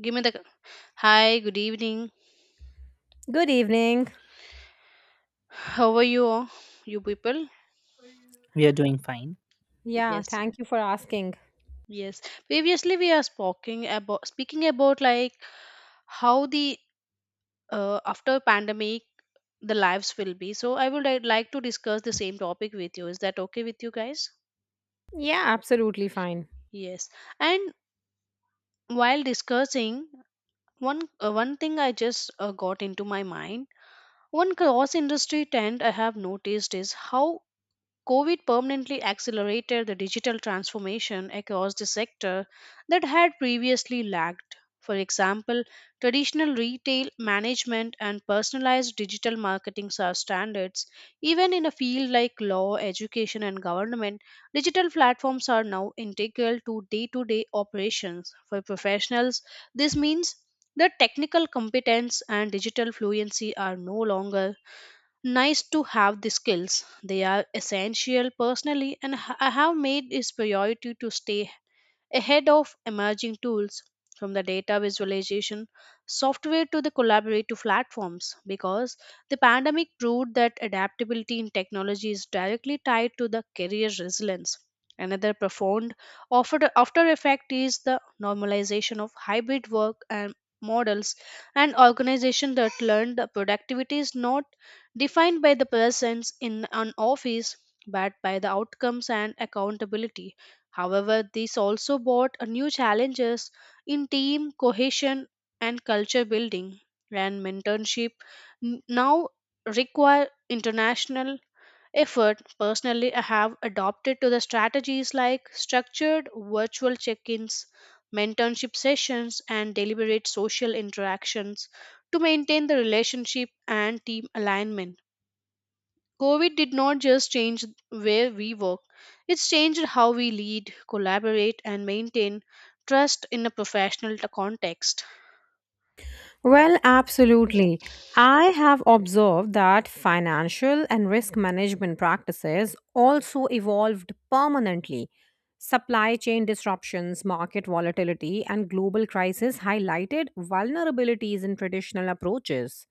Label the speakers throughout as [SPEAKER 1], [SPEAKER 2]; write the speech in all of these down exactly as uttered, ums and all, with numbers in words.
[SPEAKER 1] Give me the Hi, good evening.
[SPEAKER 2] Good evening.
[SPEAKER 1] How are you, all, you people?
[SPEAKER 3] We are doing fine.
[SPEAKER 2] Yeah,
[SPEAKER 1] Yes,
[SPEAKER 2] thank you for asking.
[SPEAKER 1] yes. Previously, we are speaking about speaking about like how the uh, after pandemic the lives will be. So I would like like to discuss the same topic with you. Is that okay with you guys?
[SPEAKER 2] Yeah, absolutely fine.
[SPEAKER 1] Yes. And while discussing one uh, one thing I just uh, got into my mind, one cross industry trend I have noticed is how COVID permanently accelerated the digital transformation across the sector that had previously lagged. For example, traditional retail management and personalized digital marketing are standards. Even in a field like law, education, and government, digital platforms are now integral to day to day operations. For professionals, this means that technical competence and digital fluency are no longer nice to have the skills. They are essential personally, and h- I have made it a priority to stay ahead of emerging tools from the data visualization software to the collaborative platforms because the pandemic proved that adaptability in technology is directly tied to the career resilience. Another profound after, after effect is the normalization of hybrid work and models and organizations that learned that productivity is not defined by the presence in an office but by the outcomes and accountability. However, this also brought a new challenges in team cohesion and culture building, and mentorship n- now require international effort. Personally, I have adopted to the strategies like structured virtual check-ins, mentorship sessions, and deliberate social interactions to maintain the relationship and team alignment. COVID did not just change where we work, it's changed how we lead, collaborate, and maintain trust in a professional t- context.
[SPEAKER 2] Well, absolutely. I have observed that financial and risk management practices also evolved permanently. Supply chain disruptions, market volatility, and global crisis highlighted vulnerabilities in traditional approaches.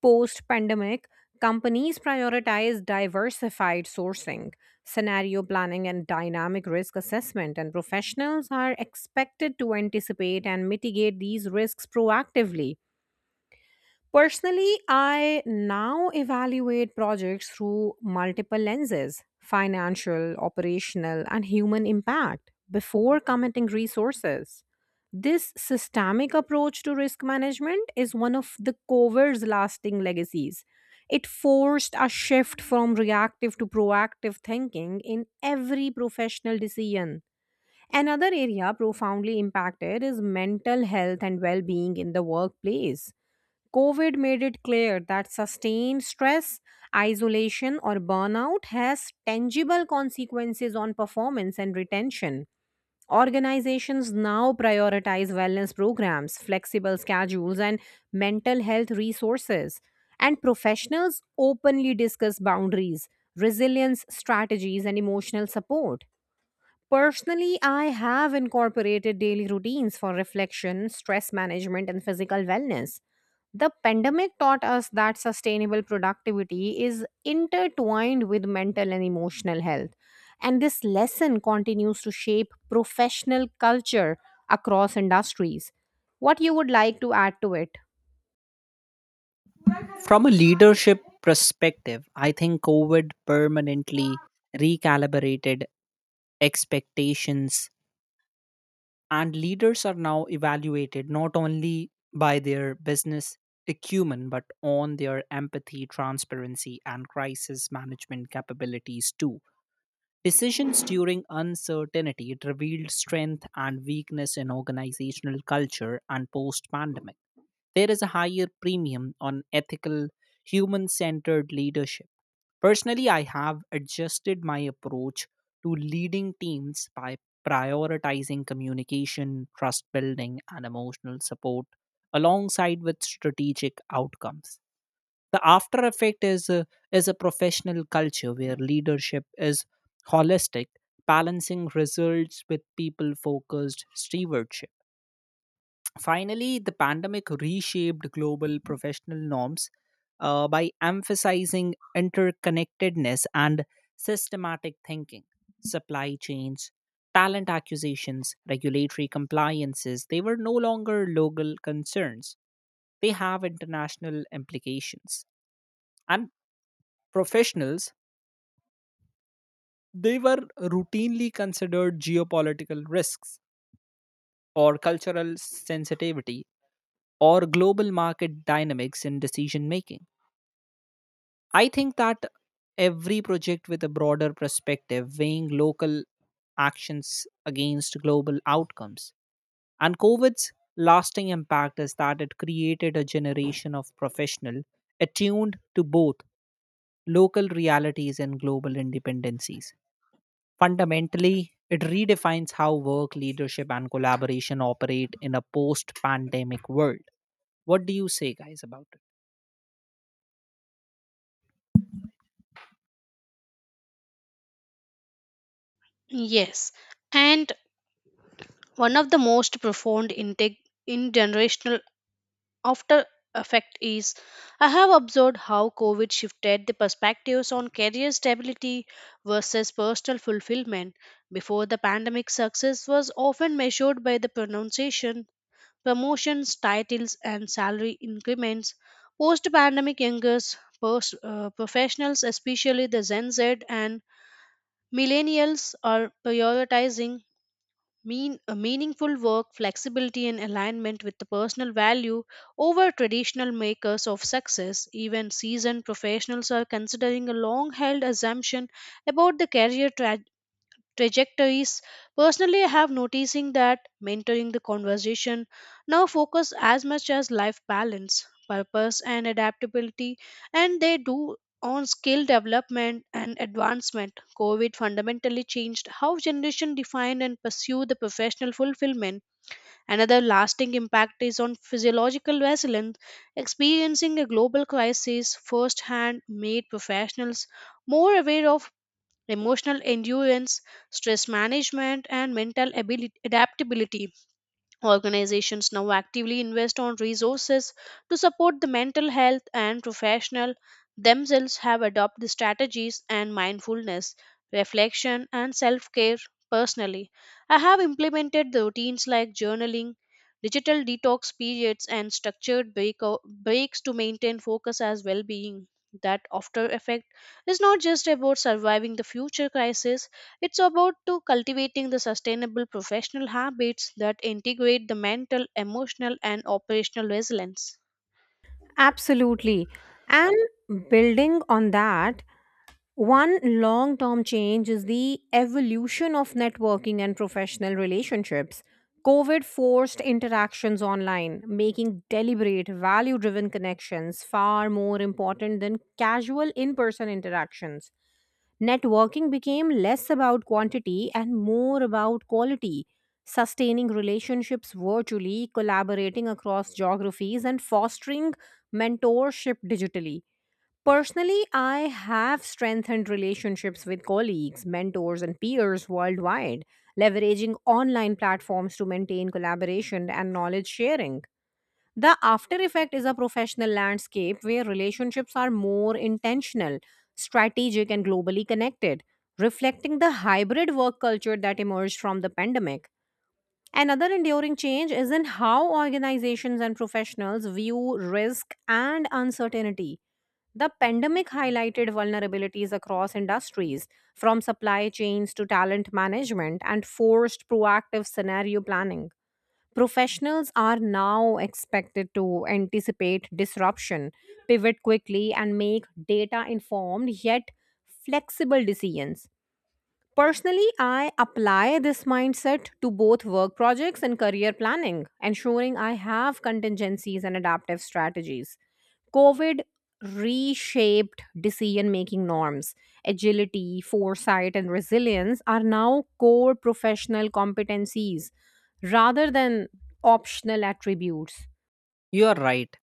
[SPEAKER 2] Post pandemic, companies prioritize diversified sourcing, scenario planning, and dynamic risk assessment, and professionals are expected to anticipate and mitigate these risks proactively. Personally, I now evaluate projects through multiple lenses financial, operational, and human impact before committing resources. This systemic approach to risk management is one of the cover's lasting legacies. It forced a shift from reactive to proactive thinking in every professional decision. Another area profoundly impacted is mental health and well being in the workplace. COVID made it clear that sustained stress, isolation, or burnout has tangible consequences on performance and retention. Organizations now prioritize wellness programs, flexible schedules, and mental health resources. And professionals openly discuss boundaries, resilience strategies, and emotional support. Personally, I have incorporated daily routines for reflection, stress management, and physical wellness. The pandemic taught us that sustainable productivity is intertwined with mental and emotional health. And this lesson continues to shape professional culture across industries. What you would like to add to it?
[SPEAKER 3] From a leadership perspective, I think COVID permanently recalibrated expectations, and leaders are now evaluated not only by their business acumen, but on their empathy, transparency, and crisis management capabilities too. Decisions during uncertainty it revealed strength and weakness in organizational culture and post pandemic. There is a higher premium on ethical, human centered leadership. Personally, I have adjusted my approach to leading teams by prioritizing communication, trust building, and emotional support alongside with strategic outcomes, the after effect is a, is a professional culture where leadership is holistic, balancing results with people focused stewardship. Finally, the pandemic reshaped global professional norms uh, by emphasizing interconnectedness and systematic thinking. Supply chains, talent acquisitions, regulatory compliances, they were no longer local concerns, they have international implications. And professionals, they were routinely considered geopolitical risks, or cultural sensitivity, or global market dynamics in decision making. I think that every project with a broader perspective, weighing local actions against global outcomes. And COVID's lasting impact is that it created a generation of professional attuned to both local realities and global independencies. Fundamentally, it redefines how work, leadership, and collaboration operate in a post pandemic world. What do you say, guys, about it?
[SPEAKER 1] Yes, and one of the most profound integ- in after effect is I have observed how COVID shifted the perspectives on career stability versus personal fulfillment. Before the pandemic, success was often measured by the pronunciation. Promotions, titles, and salary increments. Post pandemic youngers, post, uh, professionals, especially the Gen Z and millennials, are prioritizing mean, uh, meaningful work, flexibility, and alignment with the personal value over traditional makers of success. Even seasoned professionals are considering a long held assumption about the career tra- trajectories. Personally, I have noticing that mentoring the conversation now focus as much as life balance, purpose and adaptability and they do on skill development and advancement. COVID fundamentally changed how generation define and pursue the professional fulfillment. Another lasting impact is on physiological resilience. Experiencing a global crisis firsthand made professionals more aware of emotional endurance, stress management, and mental abili- adaptability. Organizations now actively invest on resources to support the mental health and professionals themselves have adopted strategies and mindfulness, reflection and self-care personally. I have implemented the routines like journaling, digital detox periods and structured break- breaks to maintain focus as well-being. That after effect is not just about surviving the future crisis, it's about to cultivating the sustainable professional habits that integrate the mental, emotional and operational resilience.
[SPEAKER 2] Absolutely. And building on that, one long term change is the evolution of networking and professional relationships. COVID forced interactions online, making deliberate, value driven connections far more important than casual in person interactions. Networking became less about quantity and more about quality, sustaining relationships virtually, collaborating across geographies, and fostering mentorship digitally. Personally, I have strengthened relationships with colleagues, mentors, and peers worldwide, leveraging online platforms to maintain collaboration and knowledge sharing. The after effect is a professional landscape where relationships are more intentional, strategic, and globally connected, reflecting the hybrid work culture that emerged from the pandemic. Another enduring change is in how organizations and professionals view risk and uncertainty. The pandemic highlighted vulnerabilities across industries, from supply chains to talent management, and forced proactive scenario planning. Professionals are now expected to anticipate disruption, pivot quickly, and make data informed yet flexible decisions. Personally, I apply this mindset to both work projects and career planning, ensuring I have contingencies and adaptive strategies. COVID reshaped decision making norms. Agility, foresight, and resilience are now core professional competencies rather than optional attributes.
[SPEAKER 3] You are right.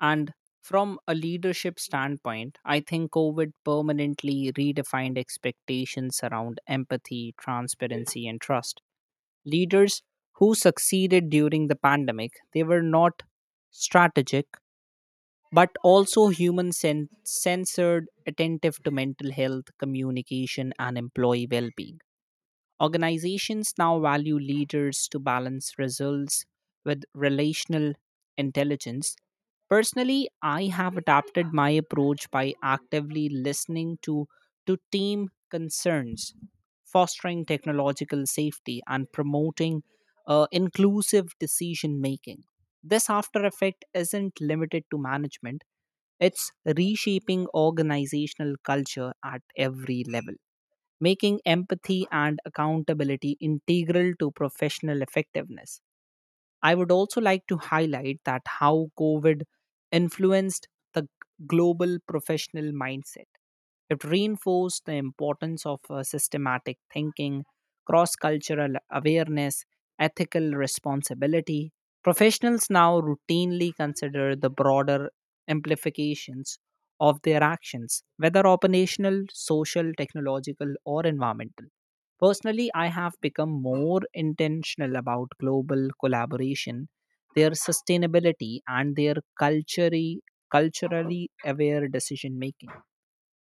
[SPEAKER 3] And from a leadership standpoint, I think COVID permanently redefined expectations around empathy, transparency, and trust. Leaders who succeeded during the pandemic, they were not strategic but also human sen- censored, attentive to mental health communication and employee well-being. Organizations now value leaders to balance results with relational intelligence. Personally, I have adapted my approach by actively listening to to team concerns, fostering technological safety, and promoting uh, inclusive decision making. This after effect isn't limited to management, it's reshaping organizational culture at every level, making empathy and accountability integral to professional effectiveness. I would also like to highlight that how COVID influenced the global professional mindset. It reinforced the importance of uh, systematic thinking, cross cultural awareness, ethical responsibility. Professionals now routinely consider the broader implications of their actions, whether operational, social, technological, or environmental. Personally, I have become more intentional about global collaboration, their sustainability, and their culturally, culturally aware decision making.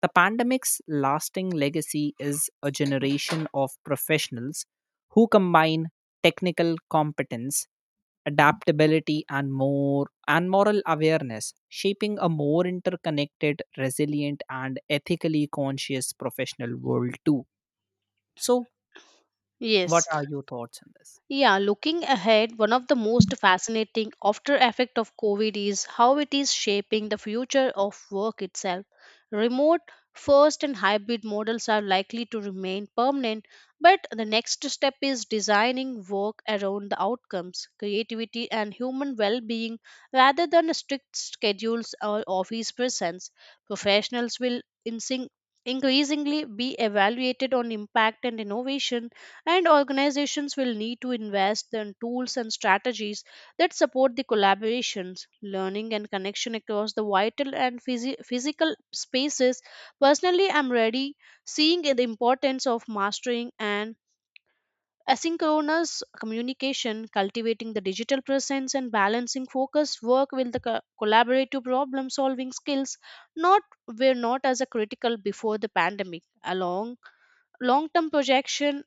[SPEAKER 3] The pandemic's lasting legacy is a generation of professionals who combine technical competence, adaptability, and more and moral awareness, shaping a more interconnected, resilient, and ethically conscious professional world too. So, what
[SPEAKER 1] Yes.
[SPEAKER 3] are your thoughts on this?
[SPEAKER 1] Yeah, looking ahead, one of the most fascinating after effect of COVID is how it is shaping the future of work itself. Remote, first and hybrid models are likely to remain permanent, but the next step is designing work around the outcomes, creativity and human well-being rather than strict schedules or office presence. Professionals will insing- increasingly be evaluated on impact and innovation and organizations will need to invest in tools and strategies that support the collaborations learning and connection across the vital and physi- physical spaces. Personally, I'm ready seeing the importance of mastering and asynchronous communication cultivating the digital presence and balancing focus work with the co- collaborative problem solving skills not were not as a critical before the pandemic along long term projection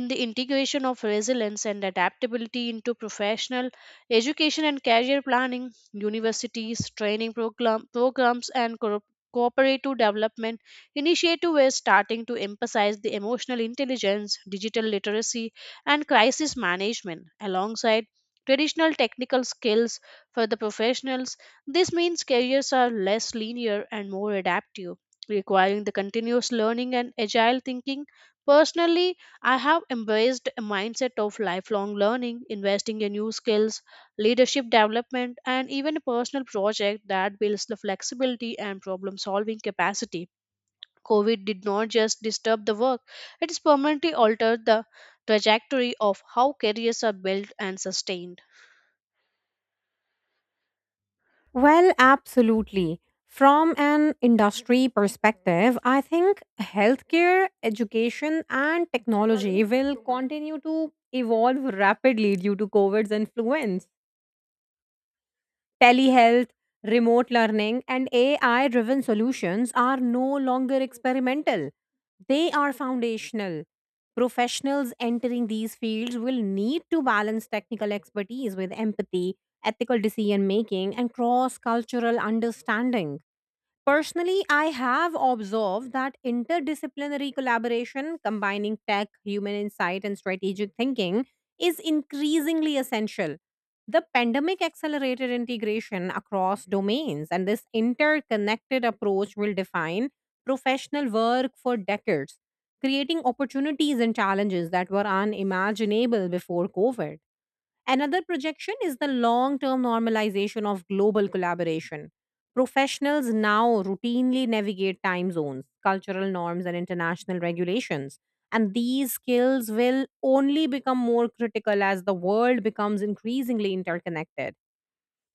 [SPEAKER 1] in the integration of resilience and adaptability into professional education and career planning, universities, training program, programs, and co- cooperative development initiative is starting to emphasize the emotional intelligence, digital literacy, and crisis management alongside traditional technical skills for the professionals. This means careers are less linear and more adaptive, requiring the continuous learning and agile thinking. Personally, I have embraced a mindset of lifelong learning, investing in new skills, leadership development, and even a personal project that builds the flexibility and problem solving capacity. COVID did not just disturb the work, it has permanently altered the trajectory of how careers are built and sustained.
[SPEAKER 2] Well, absolutely. From an industry perspective, I think healthcare, education, and technology will continue to evolve rapidly due to COVID's influence. Telehealth, remote learning, and A I driven solutions are no longer experimental. They are foundational. Professionals entering these fields will need to balance technical expertise with empathy, ethical decision making, and cross cultural understanding. Personally, I have observed that interdisciplinary collaboration, combining tech, human insight, and strategic thinking, is increasingly essential. The pandemic accelerated integration across domains, and this interconnected approach will define professional work for decades, creating opportunities and challenges that were unimaginable before COVID. Another projection is the long term normalization of global collaboration. Professionals now routinely navigate time zones, cultural norms, and international regulations. And these skills will only become more critical as the world becomes increasingly interconnected.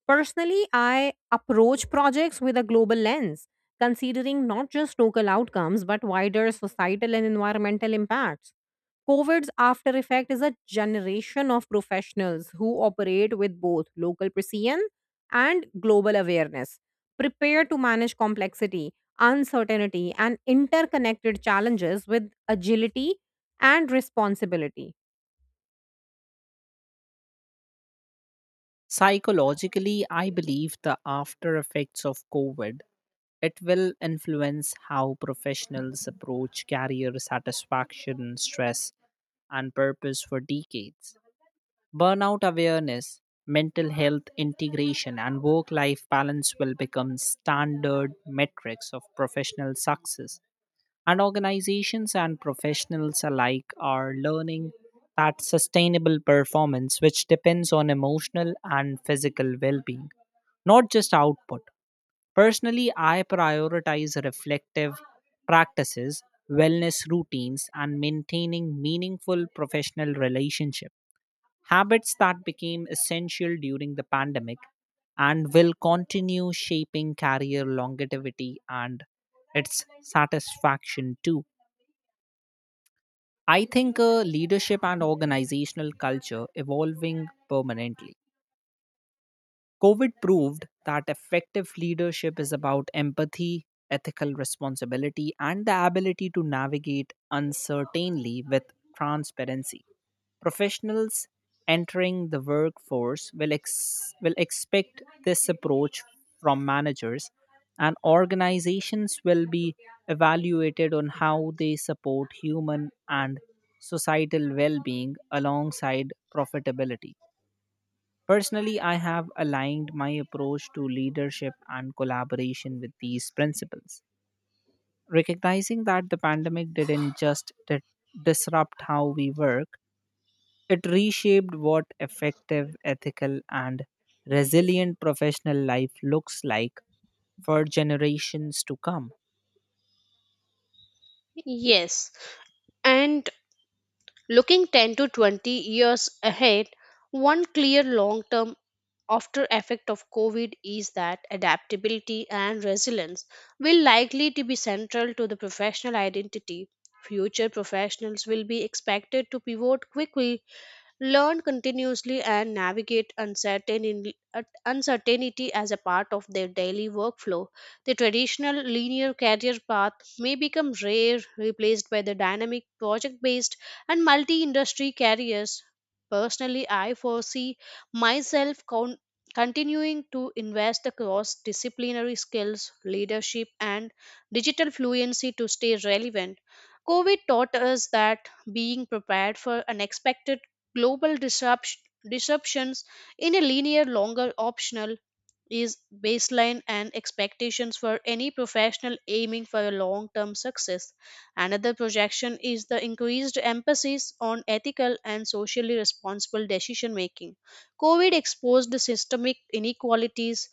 [SPEAKER 2] Personally, I approach projects with a global lens, considering not just local outcomes, but wider societal and environmental impacts. COVID's after effect is a generation of professionals who operate with both local precision and global awareness, prepared to manage complexity, uncertainty, and interconnected challenges with agility and responsibility.
[SPEAKER 3] Psychologically, I believe the after effects of COVID it will influence how professionals approach career satisfaction, stress, and purpose for decades. Burnout awareness, mental health integration, and work life balance will become standard metrics of professional success. And organizations and professionals alike are learning that sustainable performance, which depends on emotional and physical well being, not just output. Personally, I prioritize reflective practices, wellness routines, and maintaining meaningful professional relationships, habits that became essential during the pandemic and will continue shaping career longevity and its satisfaction too. I think uh, leadership and organizational culture evolving permanently. COVID proved that effective leadership is about empathy, ethical responsibility, and the ability to navigate uncertainty with transparency. Professionals entering the workforce will, ex- will expect this approach from managers, and organizations will be evaluated on how they support human and societal well being alongside profitability. Personally, I have aligned my approach to leadership and collaboration with these principles, recognizing that the pandemic didn't just di- disrupt how we work, it reshaped what effective, ethical, and resilient professional life looks like for generations to come.
[SPEAKER 1] Yes, and looking ten to twenty years ahead, one clear long term after effect of covid is that adaptability and resilience will likely to be central to the professional identity future professionals will be expected to pivot quickly learn continuously and navigate uncertainty, uncertainty as a part of their daily workflow. The traditional linear career path may become rare, replaced by the dynamic project based and multi industry careers. Personally, I foresee myself con- continuing to invest across disciplinary skills, leadership, and digital fluency to stay relevant. COVID taught us that being prepared for unexpected global disrupt- disruptions in a linear longer optional is baseline and expectations for any professional aiming for a long-term success. Another projection is the increased emphasis on ethical and socially responsible decision making. COVID exposed the systemic inequalities,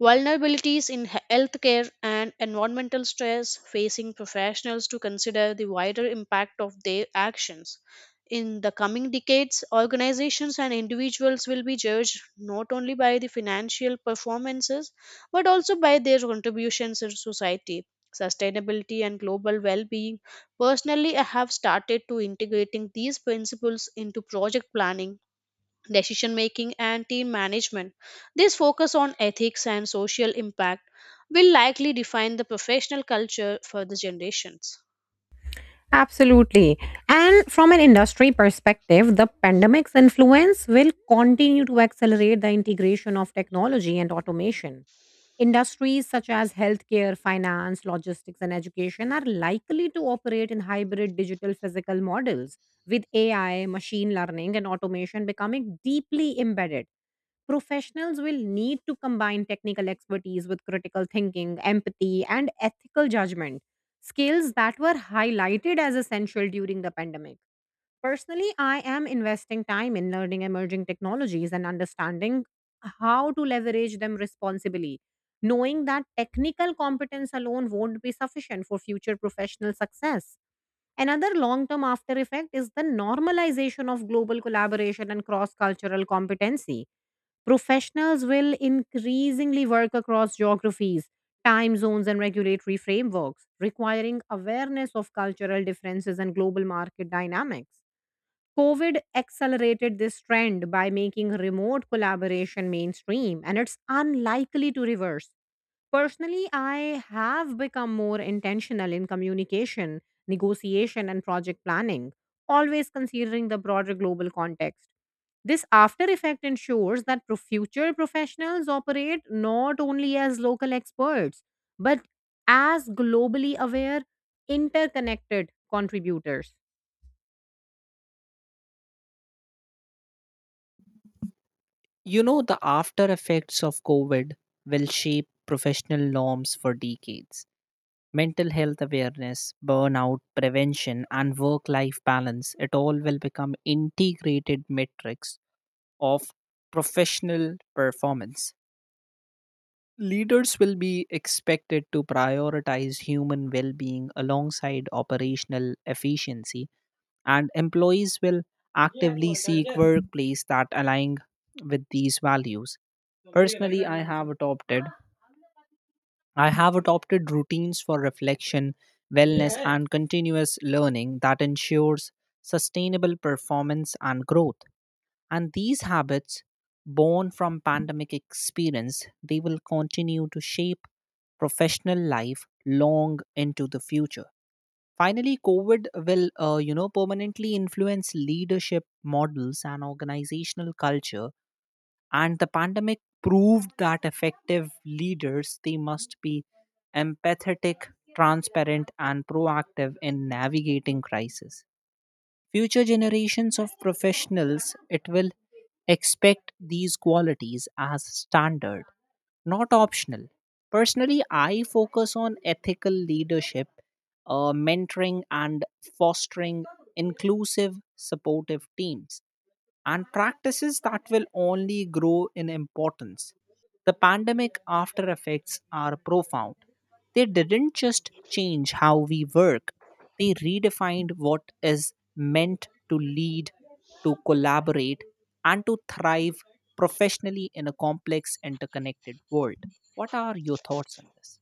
[SPEAKER 1] vulnerabilities in he- healthcare and environmental stress facing professionals to consider the wider impact of their actions. In the coming decades, organizations and individuals will be judged not only by the financial performances but also by their contributions in society. Sustainability and global well being. Personally, I have started to integrating these principles into project planning decision making and team management. This focus on ethics and social impact will likely define the professional culture for the generations.
[SPEAKER 2] Absolutely. And from an industry perspective, the pandemic's influence will continue to accelerate the integration of technology and automation. Industries such as healthcare, finance, logistics, and education are likely to operate in hybrid digital physical models, with A I, machine learning, and automation becoming deeply embedded. Professionals will need to combine technical expertise with critical thinking, empathy, and ethical judgment, skills that were highlighted as essential during the pandemic. Personally, I am investing time in learning emerging technologies and understanding how to leverage them responsibly, knowing that technical competence alone won't be sufficient for future professional success. Another long term after effect is the normalization of global collaboration and cross cultural competency. Professionals will increasingly work across geographies, time zones, and regulatory frameworks, requiring awareness of cultural differences and global market dynamics. COVID accelerated this trend by making remote collaboration mainstream, and it's unlikely to reverse. Personally, I have become more intentional in communication, negotiation, and project planning, always considering the broader global context. This after effect ensures that pro- future professionals operate not only as local experts, but as globally aware, interconnected contributors.
[SPEAKER 3] You know, the after effects of COVID will shape professional norms for decades. Mental health awareness, burnout prevention, and work life balance, it all will become integrated metrics of professional performance. Leaders will be expected to prioritize human well being alongside operational efficiency, and employees will actively seek workplace that align with these values. Personally, I have adopted I have adopted routines for reflection, wellness, and continuous learning that ensures sustainable performance and growth. And these habits, born from pandemic experience, they will continue to shape professional life long into the future. Finally, COVID will, uh, you know, permanently influence leadership models and organizational culture, and the pandemic proved that effective leaders they must be empathetic, transparent, and proactive in navigating crisis. Future generations of professionals it will expect these qualities as standard, not optional. Personally, I focus on ethical leadership, uh, mentoring, and fostering inclusive supportive teams and practices that will only grow in importance. The pandemic after effects are profound. They didn't just change how we work, they redefined what is meant to lead, to collaborate, and to thrive professionally in a complex, interconnected world. What are your thoughts on this?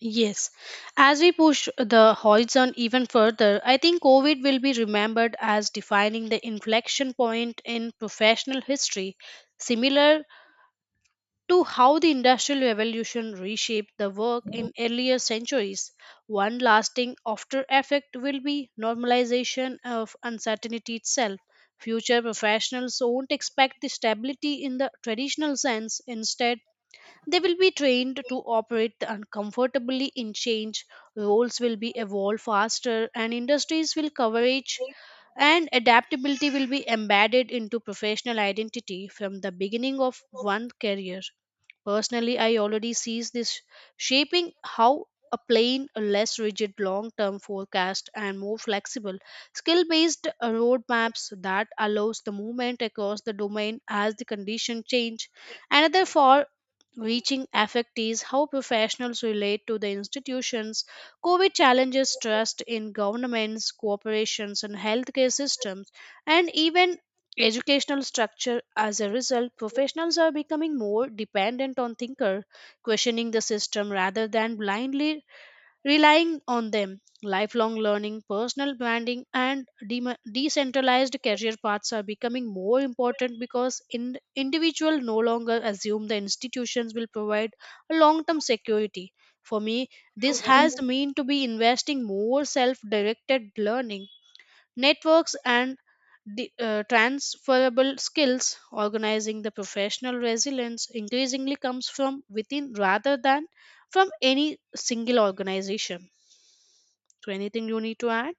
[SPEAKER 1] Yes, as we push the horizon even further, I think COVID will be remembered as defining the inflection point in professional history, similar to how the Industrial Revolution reshaped the work in earlier centuries. One lasting after effect will be normalization of uncertainty itself. Future professionals won't expect the stability in the traditional sense. Instead, they will be trained to operate uncomfortably in change. Roles will be evolved faster, and industries will coverage and adaptability will be embedded into professional identity from the beginning of one career. Personally, I already sees this shaping how a plain, a less rigid long-term forecast and more flexible, skill-based uh, roadmaps that allows the movement across the domain as the condition change. Another for reaching effect is how professionals relate to the institutions. COVID challenges trust in governments, corporations, and healthcare systems, and even educational structure as a result professionals are becoming more dependent on thinker questioning the system rather than blindly relying on them lifelong learning personal branding and dema decentralized career paths are becoming more important because in- individual no longer assume the institutions will provide a long term security for me this has mean to be investing more self directed learning networks and the, uh, transferable skills organizing the professional resilience increasingly comes from within rather than from any single organization. So anything you need to add?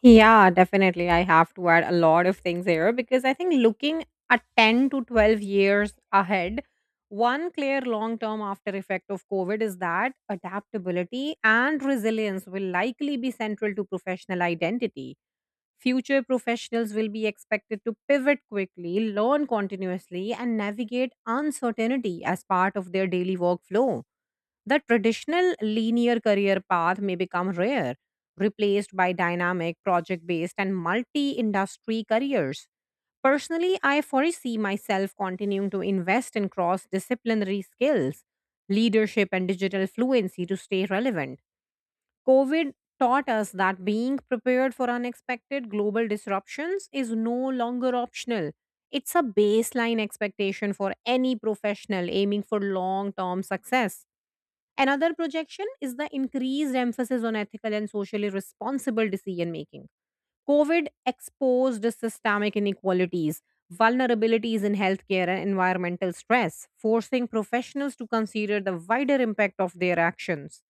[SPEAKER 2] Yeah, definitely. I have to add a lot of things here because I think looking at ten to twelve years ahead, one clear long term after effect of COVID is that adaptability and resilience will likely be central to professional identity. Future professionals will be expected to pivot quickly, learn continuously, and navigate uncertainty as part of their daily workflow. The traditional linear career path may become rare, replaced by dynamic, project based, and multi industry careers. Personally, I foresee myself continuing to invest in cross disciplinary skills, leadership, and digital fluency to stay relevant. COVID taught us that being prepared for unexpected global disruptions is no longer optional. It's a baseline expectation for any professional aiming for long term success. Another projection is the increased emphasis on ethical and socially responsible decision making. COVID exposed systemic inequalities, vulnerabilities in healthcare, and environmental stress, forcing professionals to consider the wider impact of their actions.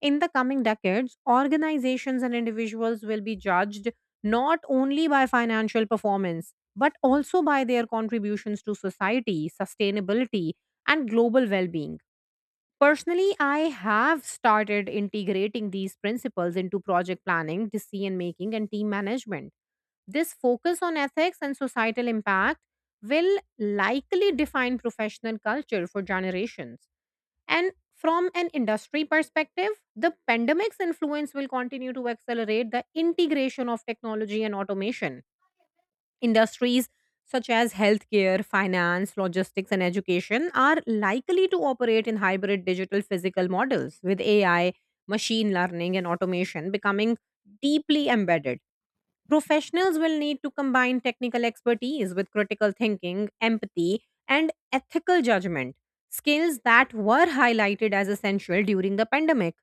[SPEAKER 2] In the coming decades, organizations and individuals will be judged not only by financial performance, but also by their contributions to society, sustainability, and global well being. Personally, I have started integrating these principles into project planning, decision making, and team management. This focus on ethics and societal impact will likely define professional culture for generations. And from an industry perspective, the pandemic's influence will continue to accelerate the integration of technology and automation. Industries such as healthcare, finance, logistics, and education are likely to operate in hybrid digital physical models with A I, machine learning, and automation becoming deeply embedded. Professionals will need to combine technical expertise with critical thinking, empathy, and ethical judgment, skills that were highlighted as essential during the pandemic.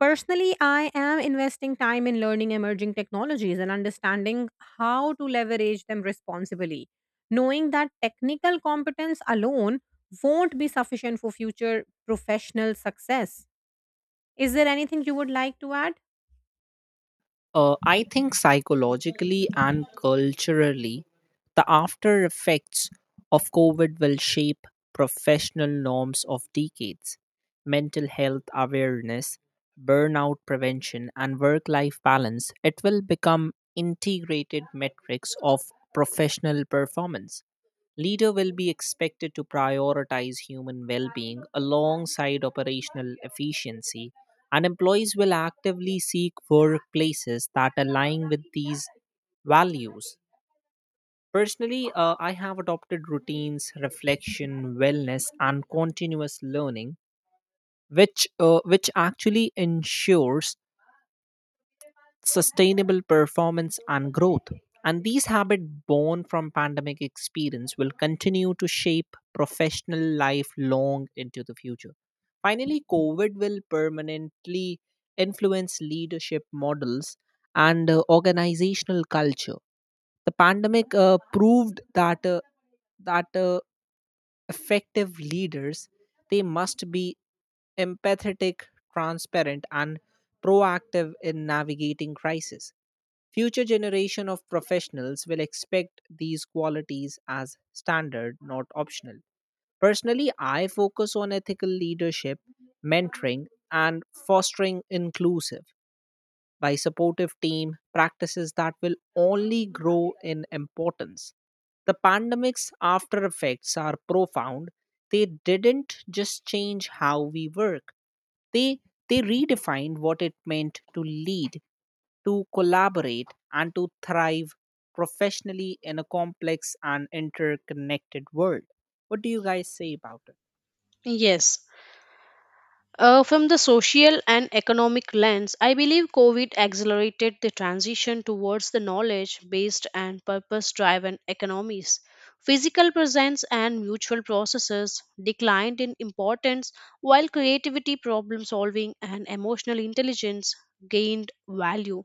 [SPEAKER 2] Personally, I am investing time in learning emerging technologies and understanding how to leverage them responsibly, knowing that technical competence alone won't be sufficient for future professional success. Is there anything you would like to add?
[SPEAKER 3] Uh, I think psychologically and culturally, the after effects of COVID will shape professional norms of decades. Mental health awareness, burnout prevention, and work life balance, it will become integrated metrics of professional performance. Leader will be expected to prioritize human well-being alongside operational efficiency, and employees will actively seek workplaces that align with these values. Personally, uh, I have adopted routines, reflection, wellness, and continuous learning, which uh, which actually ensures sustainable performance and growth. And these habits born from pandemic experience will continue to shape professional life long into the future. Finally, COVID will permanently influence leadership models and uh, organizational culture. The pandemic uh, proved that uh, that uh, effective leaders, they must be empathetic, transparent, and proactive in navigating crisis. Future generation of professionals will expect these qualities as standard, not optional. Personally, I focus on ethical leadership, mentoring, and fostering inclusive by supportive team practices that will only grow in importance. The pandemic's after effects are profound. They didn't just change how we work. They they redefined what it meant to lead, to collaborate, and to thrive professionally in a complex and interconnected world. What do you guys say about it?
[SPEAKER 1] Yes. Uh, from the social and economic lens, I believe COVID accelerated the transition towards the knowledge based and purpose driven economies. Physical presence and mutual processes declined in importance, while creativity, problem solving, and emotional intelligence gained value.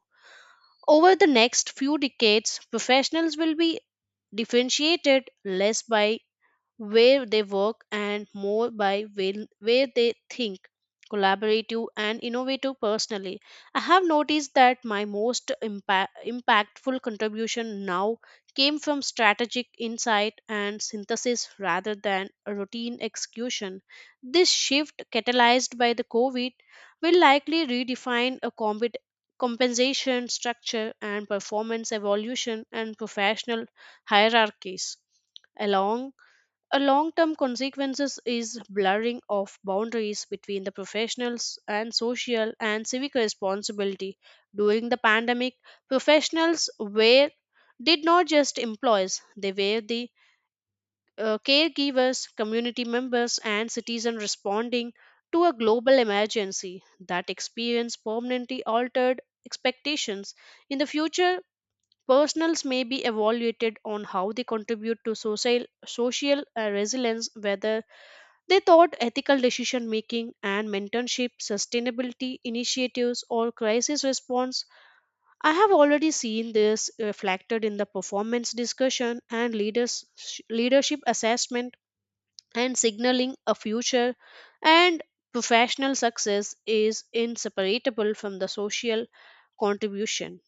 [SPEAKER 1] Over the next few decades, professionals will be differentiated less by where they work and more by will- where they think collaborative and innovative. Personally, I have noticed that my most impa- impactful contribution now came from strategic insight and synthesis rather than a routine execution. This shift catalyzed by the covid will likely redefine a compet- compensation structure and performance evolution and professional hierarchies along a long term consequences is blurring of boundaries between the professionals and social and civic responsibility. During the pandemic, professionals were did not just employees, they were the uh, caregivers, community members, and citizens responding to a global emergency that experience permanently altered expectations. In the future, personals may be evaluated on how they contribute to social, social uh, resilience, whether they thought ethical decision making and mentorship, sustainability initiatives, or crisis response. I have already seen this reflected in the performance discussion and leaders, leadership assessment and signaling a future. And professional success is inseparable from the social contribution.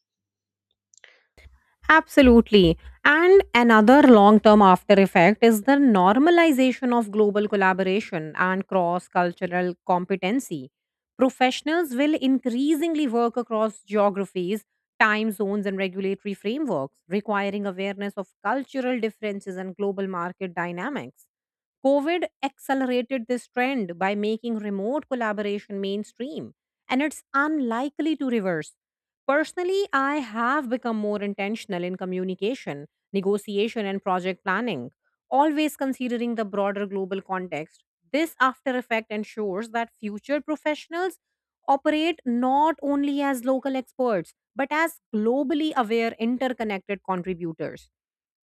[SPEAKER 2] Absolutely. And another long term after effect is the normalization of global collaboration and cross cultural competency. Professionals will increasingly work across geographies, time zones, and regulatory frameworks, requiring awareness of cultural differences and global market dynamics. COVID accelerated this trend by making remote collaboration mainstream, and it's unlikely to reverse. Personally, I have become more intentional in communication, negotiation, and project planning, always considering the broader global context. This after effect ensures that future professionals operate not only as local experts, but as globally aware, interconnected contributors.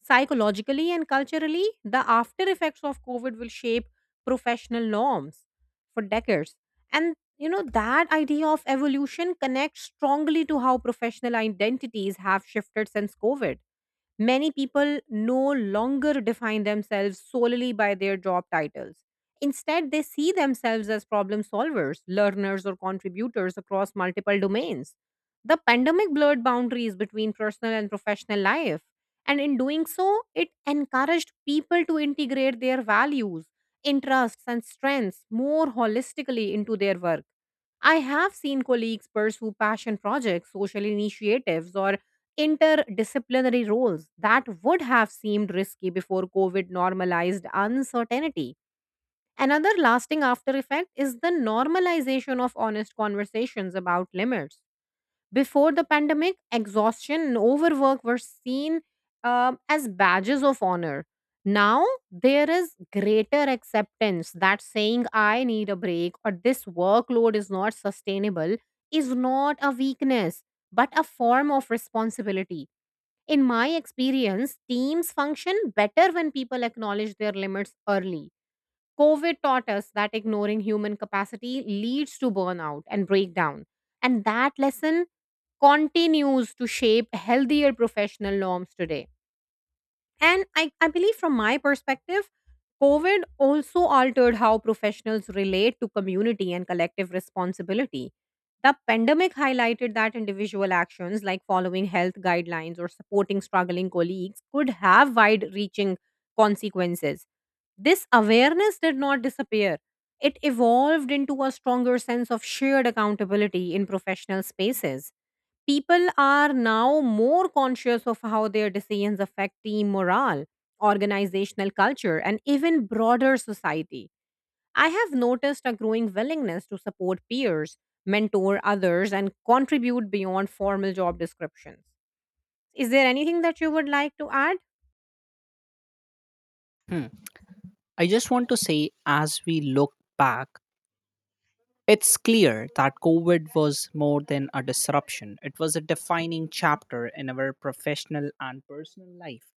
[SPEAKER 2] Psychologically and culturally, the after effects of COVID will shape professional norms for decades. And you know, that idea of evolution connects strongly to how professional identities have shifted since COVID. Many people no longer define themselves solely by their job titles. Instead, they see themselves as problem solvers, learners, or contributors across multiple domains. The pandemic blurred boundaries between personal and professional life, and in doing so, it encouraged people to integrate their values, interests, and strengths more holistically into their work. I have seen colleagues pursue passion projects, social initiatives, or interdisciplinary roles that would have seemed risky before COVID normalized uncertainty. Another lasting after effect is the normalization of honest conversations about limits. Before the pandemic, exhaustion and overwork were seen um, as badges of honor. Now, there is greater acceptance that saying I need a break or this workload is not sustainable is not a weakness, but a form of responsibility. In my experience, teams function better when people acknowledge their limits early. COVID taught us that ignoring human capacity leads to burnout and breakdown. And that lesson continues to shape healthier professional norms today. And I, I believe, from my perspective, COVID also altered how professionals relate to community and collective responsibility. The pandemic highlighted that individual actions like following health guidelines or supporting struggling colleagues could have wide reaching consequences. This awareness did not disappear, it evolved into a stronger sense of shared accountability in professional spaces. People are now more conscious of how their decisions affect team morale, organizational culture, and even broader society. I have noticed a growing willingness to support peers, mentor others, and contribute beyond formal job descriptions. Is there anything that you would like to add?
[SPEAKER 3] Hmm. I just want to say, as we look back, it's clear that COVID was more than a disruption. It was a defining chapter in our professional and personal life.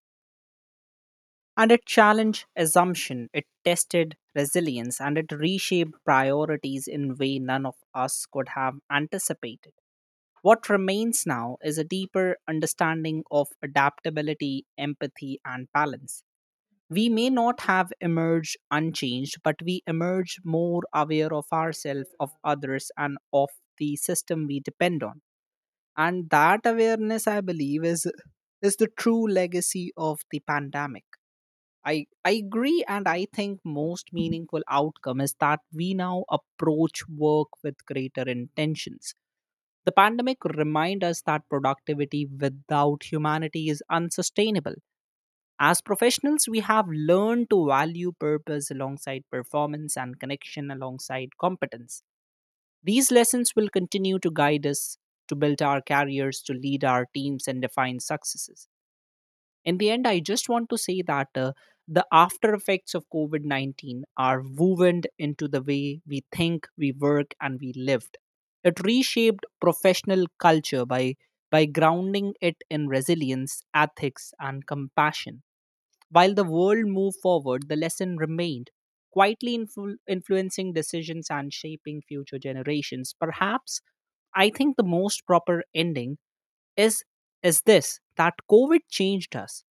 [SPEAKER 3] And it challenged assumption, it tested resilience, and it reshaped priorities in way none of us could have anticipated. What remains now is a deeper understanding of adaptability, empathy, and balance. We may not have emerged unchanged, but we emerge more aware of ourselves, of others, and of the system we depend on. And that awareness, I believe, is is the true legacy of the pandemic. I, I agree, and I think most meaningful outcome is that we now approach work with greater intentions. The pandemic remind us that productivity without humanity is unsustainable. As professionals, we have learned to value purpose alongside performance and connection alongside competence. These lessons will continue to guide us to build our careers, to lead our teams, and define successes. In the end, I just want to say that uh, the after effects of COVID nineteen are woven into the way we think, we work, and we lived. It reshaped professional culture by, by grounding it in resilience, ethics, and compassion. While the world moved forward, the lesson remained, quietly influ- influencing decisions and shaping future generations. Perhaps I think the most proper ending is is this, that COVID changed us,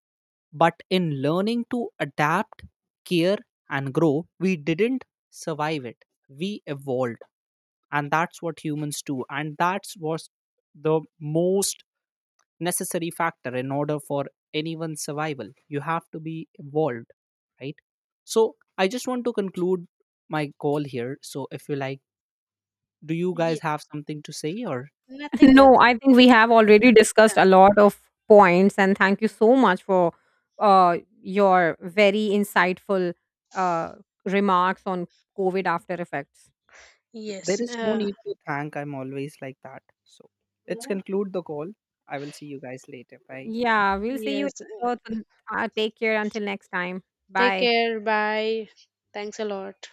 [SPEAKER 3] but in learning to adapt, care, and grow, we didn't survive it. We evolved, and that's what humans do, and that's was the most necessary factor in order for anyone's survival. You have to be evolved, right? So I just want to conclude my call here, so if you like, do you guys
[SPEAKER 1] Yes,
[SPEAKER 3] have something to say, or
[SPEAKER 1] nothing,
[SPEAKER 2] No,
[SPEAKER 1] nothing.
[SPEAKER 2] I think we have already discussed
[SPEAKER 1] Done.
[SPEAKER 2] a lot of points, and thank you so much for uh, your very insightful uh, remarks on COVID after effects.
[SPEAKER 3] there
[SPEAKER 1] Yes,
[SPEAKER 3] is no
[SPEAKER 1] uh,
[SPEAKER 3] need to thank. I'm always like that, so let's conclude the call. I will see you guys later. Bye.
[SPEAKER 2] Yeah, we'll see you
[SPEAKER 1] yes. uh,
[SPEAKER 2] later. Uh, take care until next time.
[SPEAKER 1] Take
[SPEAKER 2] Bye.
[SPEAKER 1] care. Bye. Thanks a lot.